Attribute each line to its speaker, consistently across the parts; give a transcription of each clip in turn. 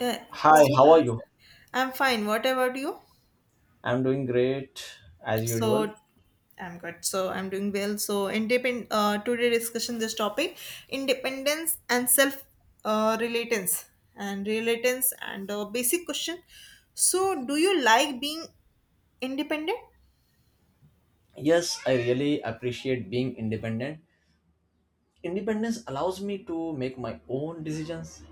Speaker 1: Uh,
Speaker 2: Hi,
Speaker 1: so
Speaker 2: how are you?
Speaker 1: I'm fine. What about you?
Speaker 2: I'm doing great as usual.
Speaker 1: So I'm good. So I'm doing well. So independent. Today discussion this topic: independence and self relatance and relatance and basic question. So do you like being independent?
Speaker 2: Yes, I really appreciate being independent. Independence allows me to make my own decisions,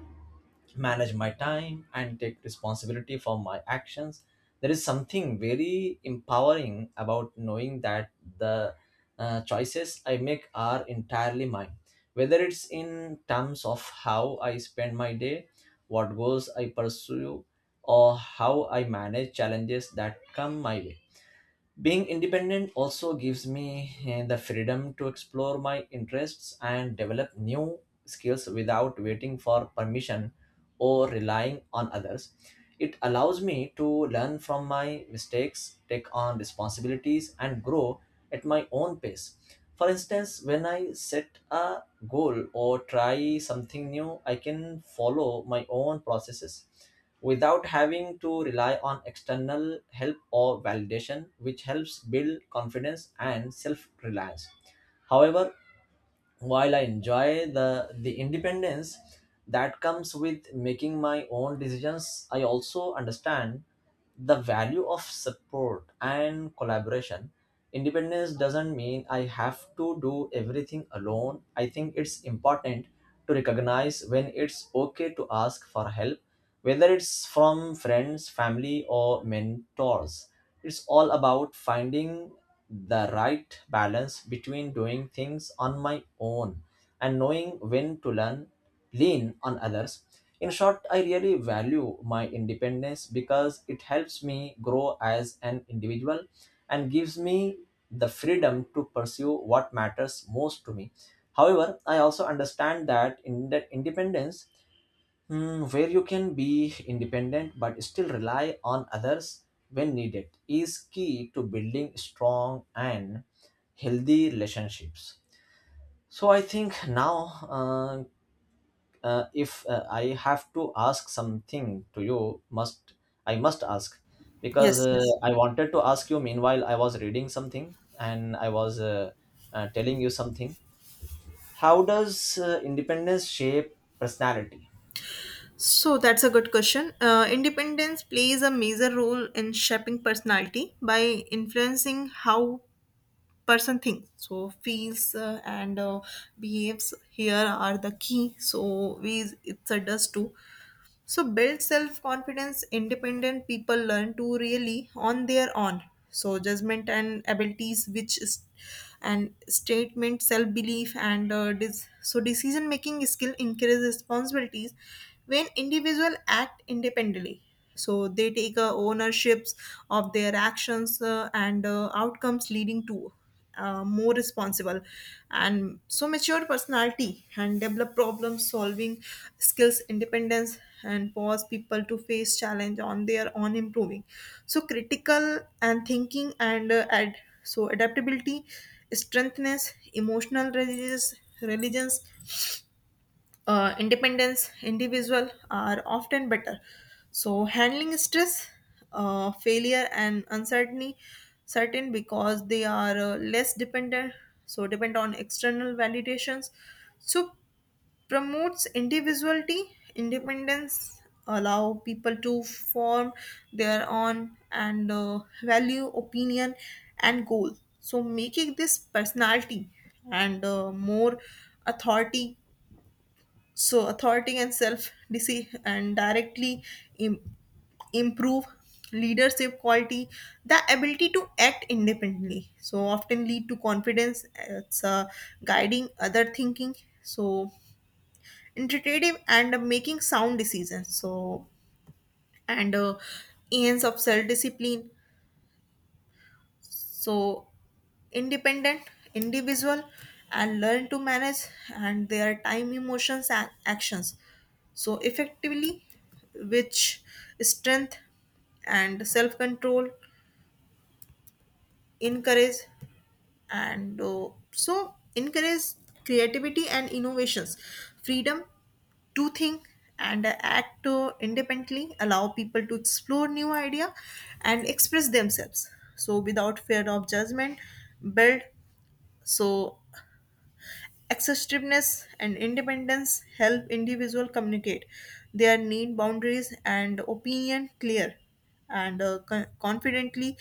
Speaker 2: manage my time, and take responsibility for my actions. There is something very empowering about knowing that the choices I make are entirely mine, whether it's in terms of how I spend my day, what goals I pursue, or how I manage challenges that come my way. Being independent also gives me the freedom to explore my interests and develop new skills without waiting for permission or relying on others. It allows me to learn from my mistakes, take on responsibilities, and grow at my own pace. For instance, when I set a goal or try something new, I can follow my own processes without having to rely on external help or validation, which helps build confidence and self reliance. However, while I enjoy the independence that comes with making my own decisions, I also understand the value of support and collaboration. Independence doesn't mean I have to do everything alone. I think it's important to recognize when it's okay to ask for help, whether it's from friends, family, or mentors. It's all about finding the right balance between doing things on my own and knowing when to learn lean on others. In short, I really value my independence because it helps me grow as an individual and gives me the freedom to pursue what matters most to me. However, I also understand that in that independence, where you can be independent but still rely on others when needed is key to building strong and healthy relationships. So I think now, uh, if I have to ask something to you, must I must ask, because
Speaker 1: Yes. Yes.
Speaker 2: I wanted to ask you meanwhile I was reading something and I was telling you something. How does independence shape personality?
Speaker 1: So that's a good question. Independence plays a major role in shaping personality by influencing how person thinks so feels and behaves here are the key so we it's a does too so build self-confidence, independent people learn to really on their own. So judgment and abilities, which is and statement, self-belief, and so decision-making skill increase responsibilities when individual act independently. So they take ownerships of their actions and outcomes, leading to more responsible and so mature personality and develop problem solving skills independence and pause people to face challenge on their own improving so critical and thinking and so adaptability strengthness emotional resilience religions independence individual are often better so handling stress failure and uncertainty certain because they are less dependent so depend on external validations so promotes individuality independence allow people to form their own and value opinion and goal so making this personality and more authority so authority and self deceive and directly im- improve leadership quality the ability to act independently so often lead to confidence it's guiding other thinking so intuitive and making sound decisions so and ends of self discipline so independent individual and learn to manage and their time emotions and actions so effectively which strength and self control encourage and so encourage creativity and innovations freedom to think and act independently allow people to explore new idea and express themselves so without fear of judgment build so Accessiveness and independence help individual communicate their need, boundaries, and opinion clear and confidently.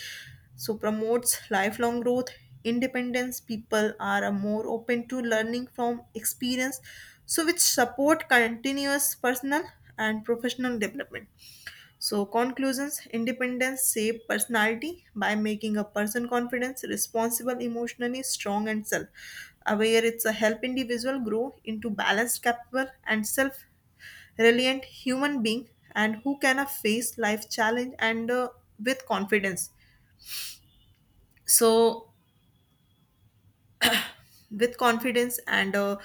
Speaker 1: So promotes lifelong growth, independence. People are more open to learning from experience, so which support continuous personal and professional development. So, conclusions independence shape personality by making a person confident, responsible, emotionally strong, and self aware. It's a help individual grow into balanced, capable, and self reliant human being and who can face life challenge and with confidence. So, with confidence and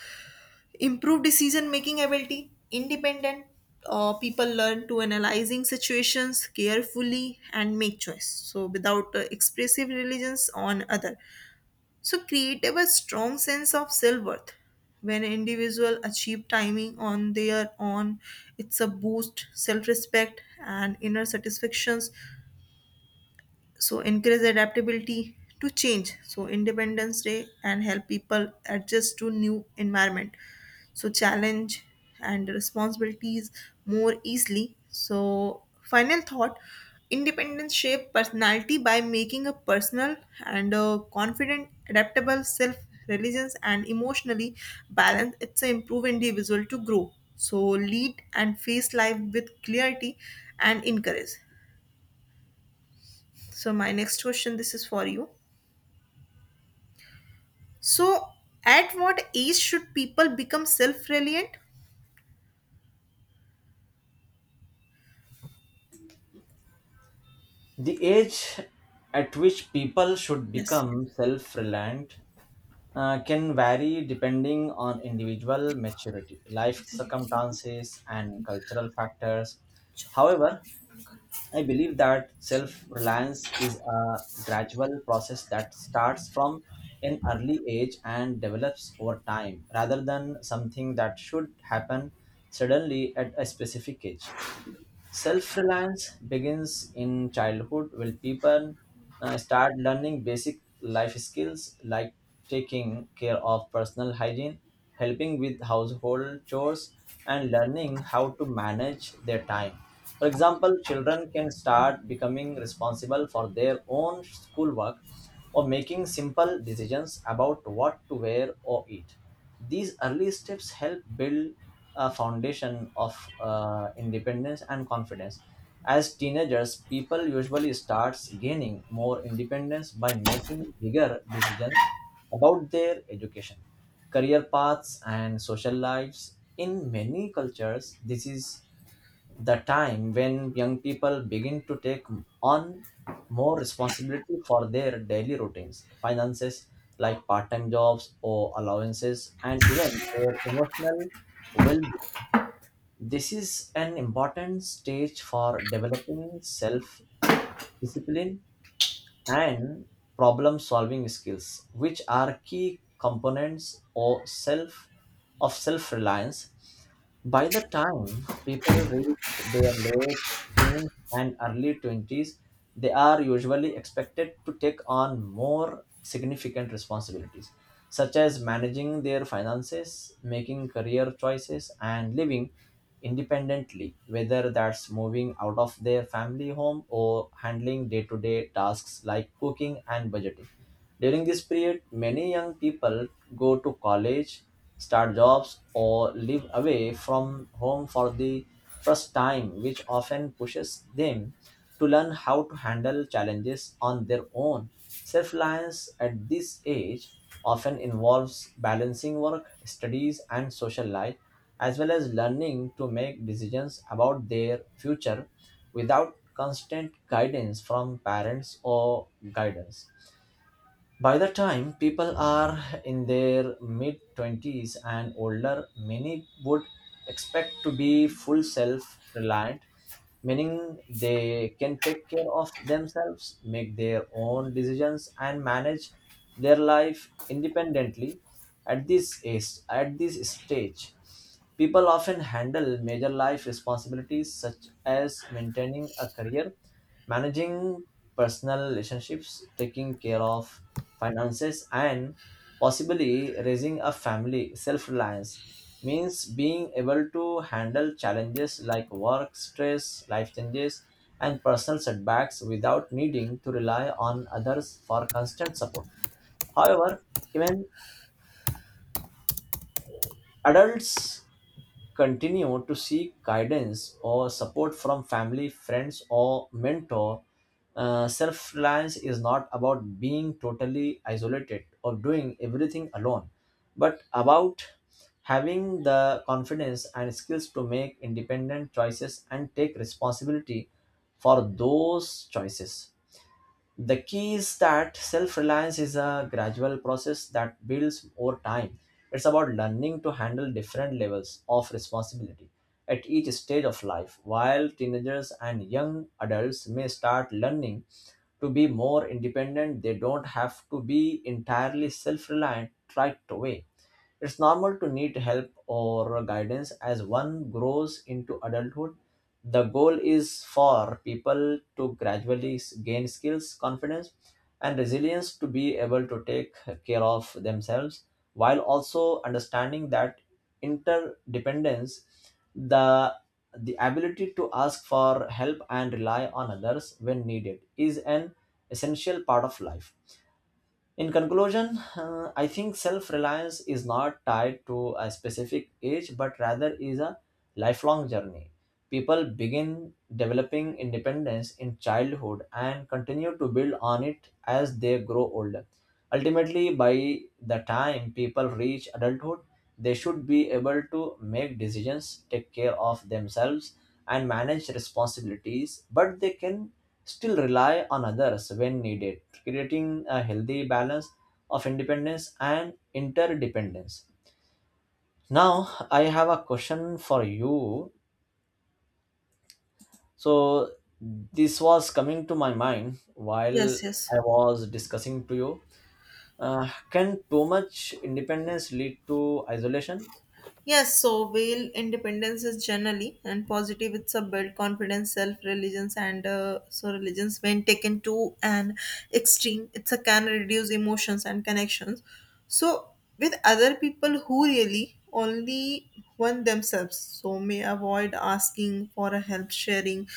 Speaker 1: improve decision making ability independent people learn to analyzing situations carefully and make choice so without expressive reliance on other so create a strong sense of self-worth when individual achieve timing on their own it's a boost self-respect and inner satisfactions so increase adaptability to change so independence day and help people adjust to new environment so challenge and responsibilities more easily so final thought independence shape personality by making a personal and a confident adaptable self religious and emotionally balanced it's a improve individual to grow so lead and face life with clarity and encourage so my next question this is for you. So, at what age should people become self reliant?
Speaker 2: The age at which people should
Speaker 1: Yes,
Speaker 2: become self reliant can vary depending on individual maturity, life circumstances, and cultural factors. However, I believe that self reliance is a gradual process that starts from an early age and develops over time rather than something that should happen suddenly at a specific age. Self reliance begins in childhood when people start learning basic life skills like taking care of personal hygiene, helping with household chores, and learning how to manage their time. For example, children can start becoming responsible for their own schoolwork or making simple decisions about what to wear or eat. These early steps help build a foundation of independence and confidence. As teenagers, people usually starts gaining more independence by making bigger decisions about their education, career paths, and social lives. In many cultures, this is the time when young people begin to take on more responsibility for their daily routines, finances like part time jobs or allowances, and even their emotional well being. This is an important stage for developing self discipline and problem solving skills which are key components or self of self reliance. By the time people reach their late teens and early 20s, they are usually expected to take on more significant responsibilities such as managing their finances, making career choices, and living independently, whether that's moving out of their family home or handling day to day tasks like cooking and budgeting. During this period, many young people go to college, start jobs, or live away from home for the first time, which often pushes them to learn how to handle challenges on their own. Self reliance at this age often involves balancing work, studies, and social life as well as learning to make decisions about their future without constant guidance from parents or guiders. By the time people are in their mid 20s and older, many would expect to be full self reliant, meaning they can take care of themselves, make their own decisions, and manage their life independently. At this stage, people often handle major life responsibilities such as maintaining a career, managing personal relationships, taking care of finances, and possibly raising a family. Self reliance means being able to handle challenges like work, stress, life changes, and personal setbacks without needing to rely on others for constant support. However, even adults continue to seek guidance or support from family, friends, or mentor. Self reliance is not about being totally isolated or doing everything alone, but about having the confidence and skills to make independent choices and take responsibility for those choices. The key is that self reliance is a gradual process that builds over time. It's about learning to handle different levels of responsibility at each stage of life. While teenagers and young adults may start learning to be more independent, they don't have to be entirely self reliant right away. It's normal to need help or guidance as one grows into adulthood. The goal is for people to gradually gain skills, confidence, and resilience to be able to take care of themselves while also understanding that interdependence, the the ability to ask for help and rely on others when needed, is an essential part of life. In conclusion, I think self reliance is not tied to a specific age but rather is a lifelong journey. People begin developing independence in childhood and continue to build on it as they grow older. Ultimately, by the time people reach adulthood, they should be able to make decisions, take care of themselves, and manage responsibilities, but they can still rely on others when needed, creating a healthy balance of independence and interdependence. Now, I have a question for you. So, this was coming to my mind while
Speaker 1: yes, yes.
Speaker 2: I was discussing to you. Can too much independence lead to isolation?
Speaker 1: Yes, so male independence is generally and positive. It's a build confidence, self reliance, and so religions when taken to an extreme, it's a can reduce emotions and connections. So with other people who really only want themselves, so may avoid asking for a help, sharing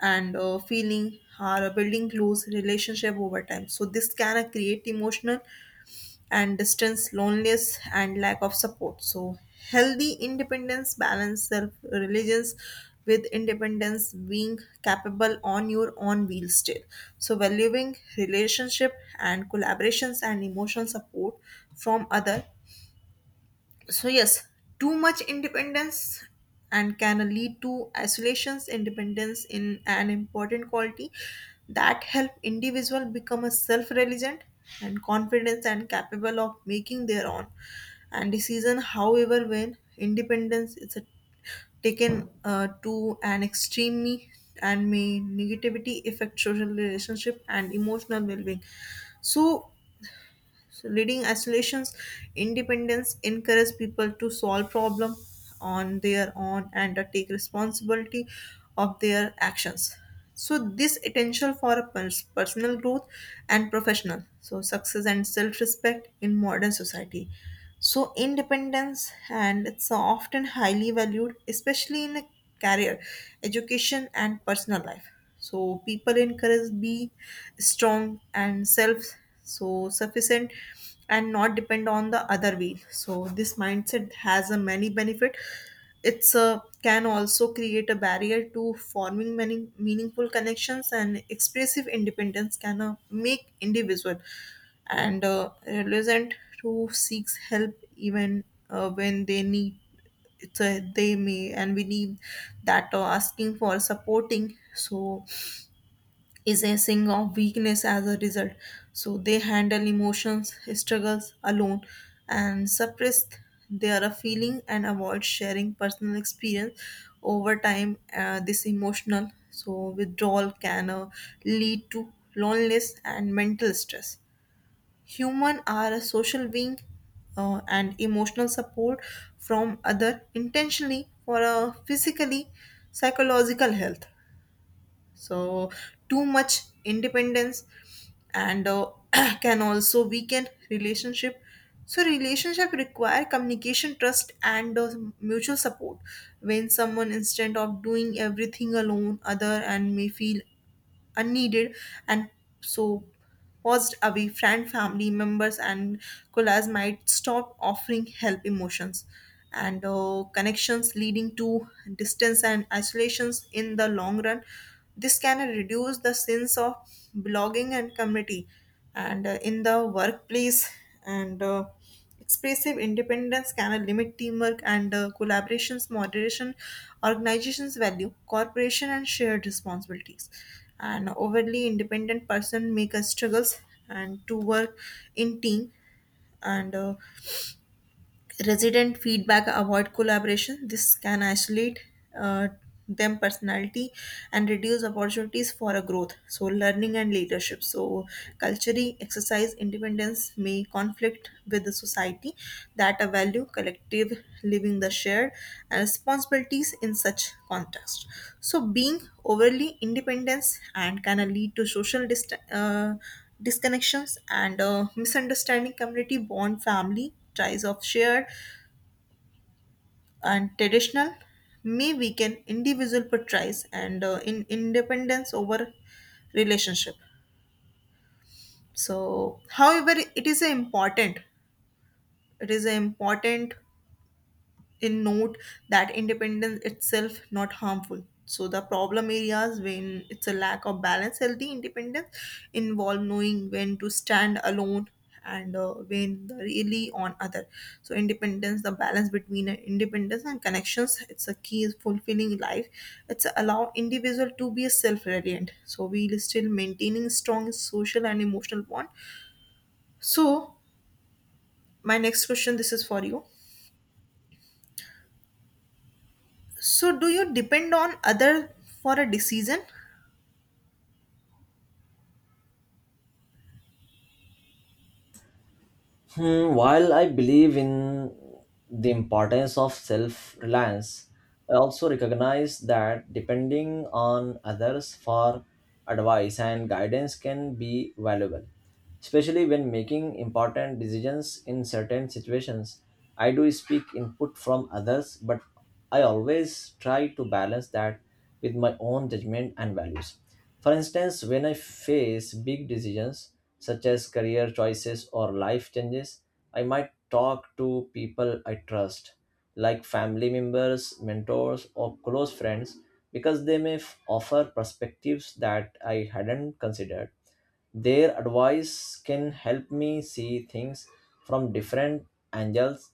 Speaker 1: and feeling are building close relationship over time so this can create emotional and distance loneliness and lack of support so healthy independence balance self religions with independence being capable on your own wheel still so valuing relationship and collaborations and emotional support from other so yes too much independence and can lead to isolations independence in an important quality that help individual become a self-reliant and confident and capable of making their own and decision however when independence is a, taken to an extreme and may negativity affect social relationship and emotional well-being so so leading isolations, independence encourages people to solve problem on their own and to take responsibility of their actions. So this potential for a personal growth and professional, so success and self-respect in modern society. So independence and it's often highly valued, especially in a career, education and personal life so people encourage be strong and self so sufficient and not depend on the other wheel so this mindset has a many benefit it's a can also create a barrier to forming many meaningful connections and expressive independence can make individual and reluctant to seek help even when they need it's a they may and we need that asking for supporting so is a sign of weakness as a result so they handle emotions struggles alone and suppress their feeling and avoid sharing personal experience over time this emotional so withdrawal can lead to loneliness and mental stress Human are a social being and emotional support from other intentionally for a physically psychological health. So too much independence and can also weaken relationship. So relationship require communication, trust, and mutual support. When someone instead of doing everything alone, other and may feel unneeded and so paused away friend family members and colleagues might stop offering help emotions and connections leading to distance and isolations in the long run this can reduce the sense of belonging and community and in the workplace and Expressive independence can limit teamwork and collaborations, moderation, organization's value, cooperation, and shared responsibilities. An overly independent person make us struggles and to work in team and resident feedback avoid collaboration this can isolate uh, them personality and reduce opportunities for a growth so learning and leadership so culturally exercise independence may conflict with the society that a value collective living the shared and responsibilities in such context so being overly independence and can lead to social disconnections and misunderstanding community bond family portrays of shared and traditional may weaken individual portrays and in independence over relationship so however it is a important in note that independence itself not harmful so the problem areas when it's a lack of balance healthy independence involve knowing when to stand alone and when the really on other so independence the balance between independence and connections it's a key is fulfilling life it's allow individual to be a self-reliant so we'll still maintaining strong social and emotional bond so my next question this is for you. So, do you depend on other for a decision?
Speaker 2: While I believe in the importance of self reliance, I also recognize that depending on others for advice and guidance can be valuable, especially when making important decisions in certain situations. I do seek input from others, but I always try to balance that with my own judgment and values. For instance, when I face big decisions, such as career choices or life changes. I might talk to people I trust, like family members, mentors, or close friends, because they may offer perspectives that I hadn't considered. Their advice can help me see things from different angles,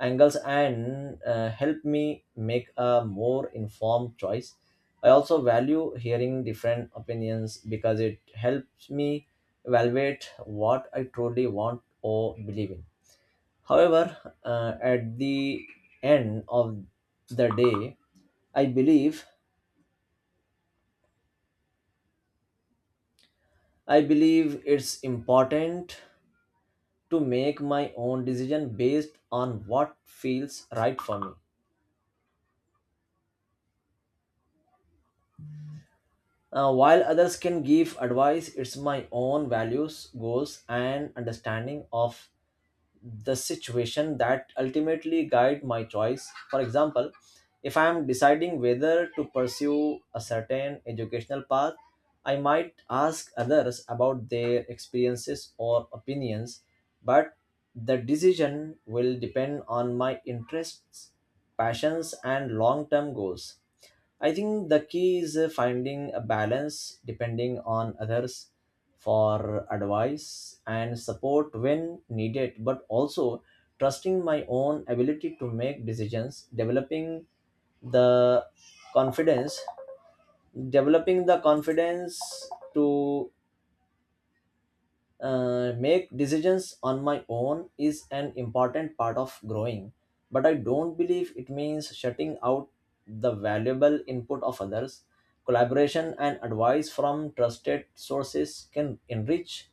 Speaker 2: angles, and help me make a more informed choice. I also value hearing different opinions because it helps me evaluate what I truly want or believe in. However, at the end of the day, I believe I believe it's important to make my own decision based on what feels right for me. While others can give advice, it's my own values, goals, and understanding of the situation that ultimately guide my choice. For example, if I am deciding whether to pursue a certain educational path, I might ask others about their experiences or opinions, but the decision will depend on my interests, passions, and long-term goals. I think the key is finding a balance, depending on others for advice and support when needed, but also trusting my own ability to make decisions. Developing the confidence, developing the confidence to make decisions on my own is an important part of growing. But I don't believe it means shutting out the valuable input of others. Collaboration and advice from trusted sources can enrich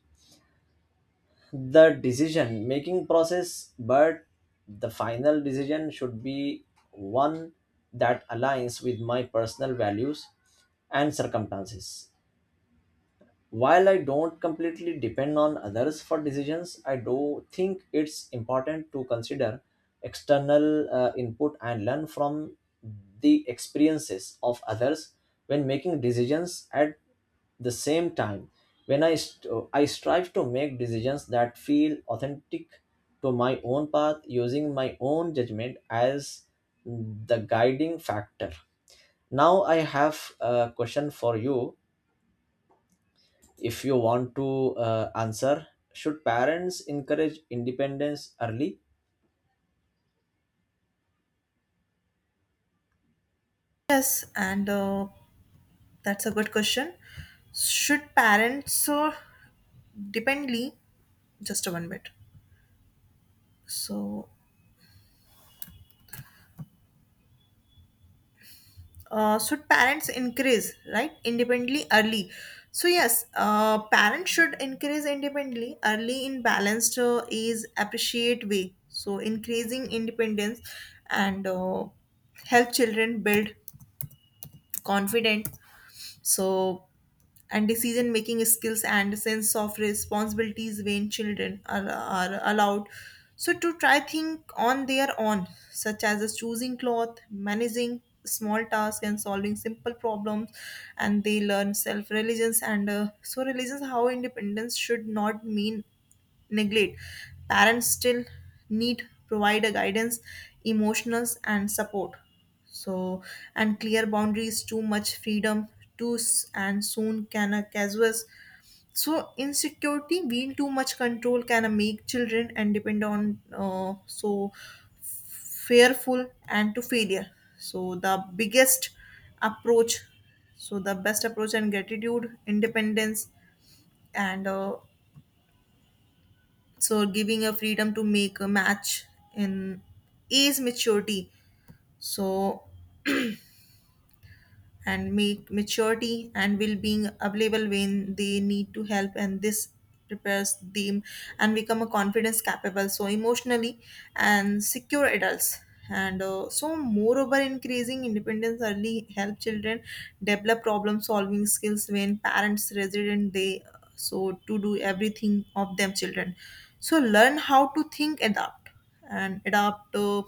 Speaker 2: the decision making process, but the final decision should be one that aligns with my personal values and circumstances. While I don't completely depend on others for decisions, I do think it's important to consider external input and learn from the experiences of others when making decisions. At the same time, when I strive to make decisions that feel authentic to my own path, using my own judgment as the guiding factor. Now I have a question for you. If you want to answer, should parents encourage independence early?
Speaker 1: Yes, and that's a good question. Should parents dependly just one minute? So, should parents increase right independently early? So yes, parents should increase independently early in balanced is appreciate way. So increasing independence and help children build confidence. So, and decision making skills and sense of responsibilities when children are allowed so to try think on their own such as choosing cloth managing small tasks and solving simple problems and they learn self religions and so religions how independence should not mean neglect parents still need provide a guidance emotions, and support so, and clear boundaries, too much freedom, and soon can a casuals. So, insecurity, being too much control can make children and depend on so fearful and to failure. So, approach, so the best approach and gratitude, independence, and so giving a freedom to make a match in age maturity. So, and make maturity and well-being available when they need to help and this prepares them and become a confidence capable so emotionally and secure adults and so moreover increasing independence early help children develop problem solving skills when parents resident they so to do everything of them children so learn how to think adapt and adapt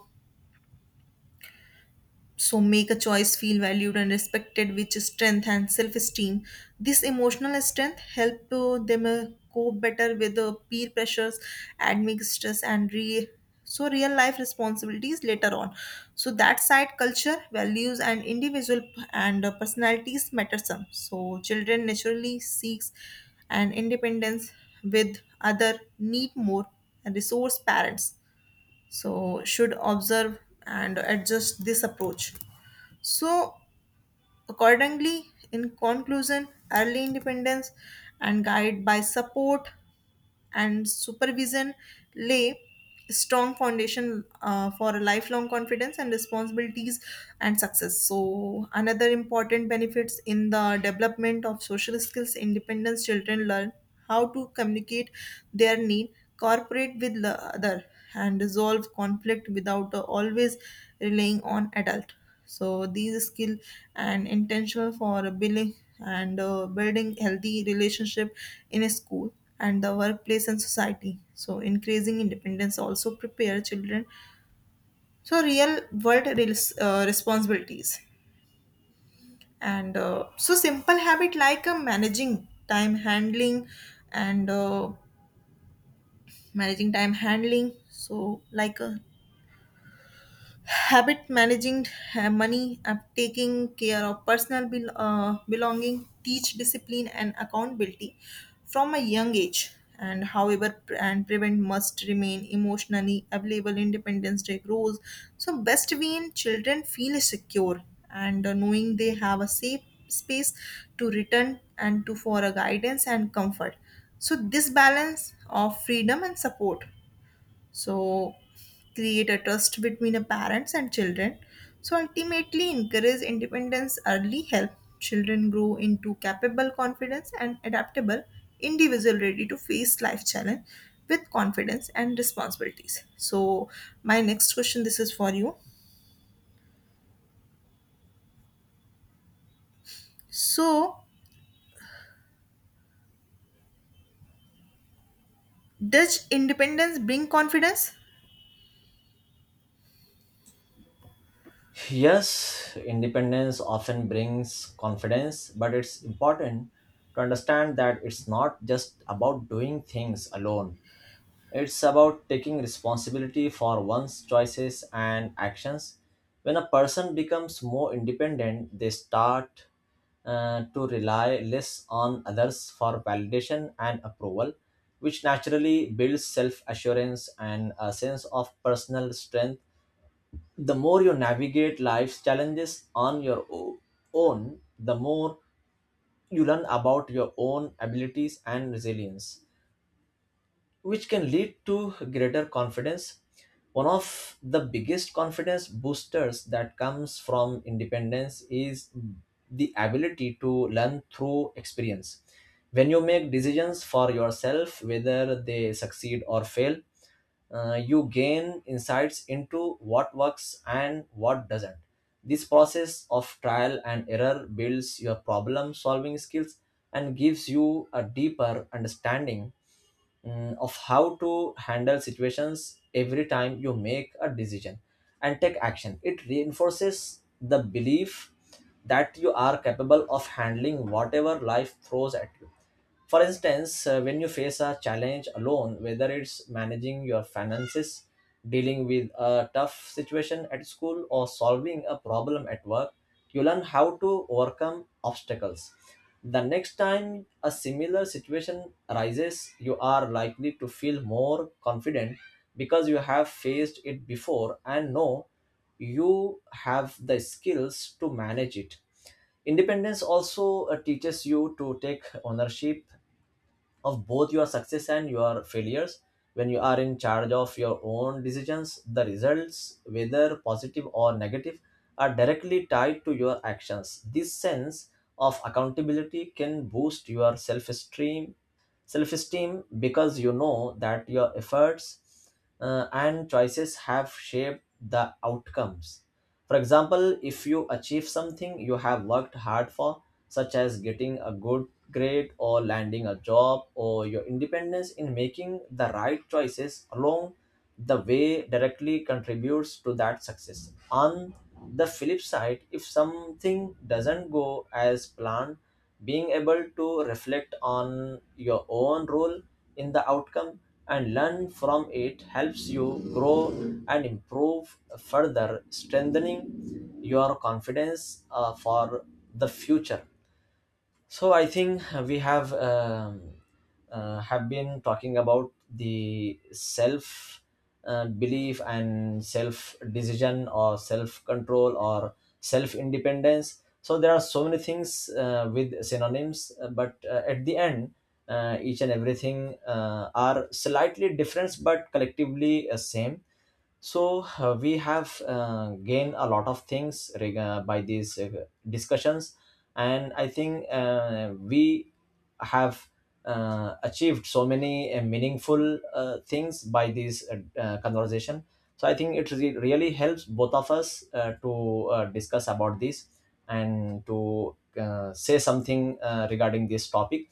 Speaker 1: so make a choice feel valued and respected which strength and self-esteem this emotional strength help them cope better with the peer pressures admit stress and so real life responsibilities later on so that side culture values and individual and personalities matter some so children naturally seeks an independence with other need more and resource parents so should observe and adjust this approach so, accordingly, in conclusion, early independence and guide by support and supervision lay strong foundation for a lifelong confidence and responsibilities and success so another important benefits in the development of social skills independence children learn how to communicate their need cooperate with the other and resolve conflict without always relying on adult so these skill and intentional for building and building healthy relationship in a school and the workplace and society. So increasing independence also prepare children so real world responsibilities. And so simple habit like managing time handling and managing time handling. So like habit managing money taking care of personal belonging teach discipline and accountability from a young age and however pre- and prevent must remain emotionally available independence day grows so best when children feel secure and knowing they have a safe space to return and to for a guidance and comfort so this balance of freedom and support so create a trust between the parents and children so ultimately encourage independence early help children grow into capable confidence and adaptable individual ready to face life challenge with confidence and responsibilities so my next question this is for you so does independence bring confidence
Speaker 2: Yes, independence often brings confidence, but it's important to understand that it's not just about doing things alone. It's about taking responsibility for one's choices and actions. When a person becomes more independent, they start to rely less on others for validation and approval, which naturally builds self assurance and a sense of personal strength. The more you navigate life's challenges on your own, the more you learn about your own abilities and resilience, which can lead to greater confidence. One of the biggest confidence boosters that comes from independence is the ability to learn through experience. When you make decisions for yourself, whether they succeed or fail, you gain insights into what works and what doesn't. This process of trial and error builds your problem solving skills and gives you a deeper understanding of how to handle situations. Every time you make a decision and take action, it reinforces the belief that you are capable of handling whatever life throws at you. For instance, when you face a challenge alone, whether it's managing your finances, dealing with a tough situation at school, or solving a problem at work, you learn how to overcome obstacles. The next time a similar situation arises, you are likely to feel more confident because you have faced it before and know you have the skills to manage it. Independence also teaches you to take ownership of both your success and your failures. When you are in charge of your own decisions, the results, whether positive or negative, are directly tied to your actions. This sense of accountability can boost your self-esteem because you know that your efforts and choices have shaped the outcomes. For example, if you achieve something you have worked hard for, such as getting a good grade or landing a job, or your independence in making the right choices along the way directly contributes to that success. On the flip side, if something doesn't go as planned, being able to reflect on your own role in the outcome and learn from it helps you grow and improve further, strengthening your confidence for the future. So I think we have been talking about the self belief and self decision or self control or self independence. So there are so many things with synonyms, but at the end, each and everything are slightly different but collectively same. So we have gained a lot of things by these discussions, and I think we have achieved so many meaningful things by this conversation. So I think it really helps both of us to discuss about this and to say something regarding this topic.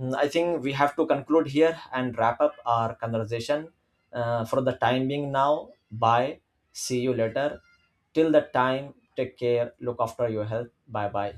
Speaker 2: I think we have to conclude here and wrap up our conversation for the time being now. Bye. See you later. Till that time, take care. Look after your health. Bye bye.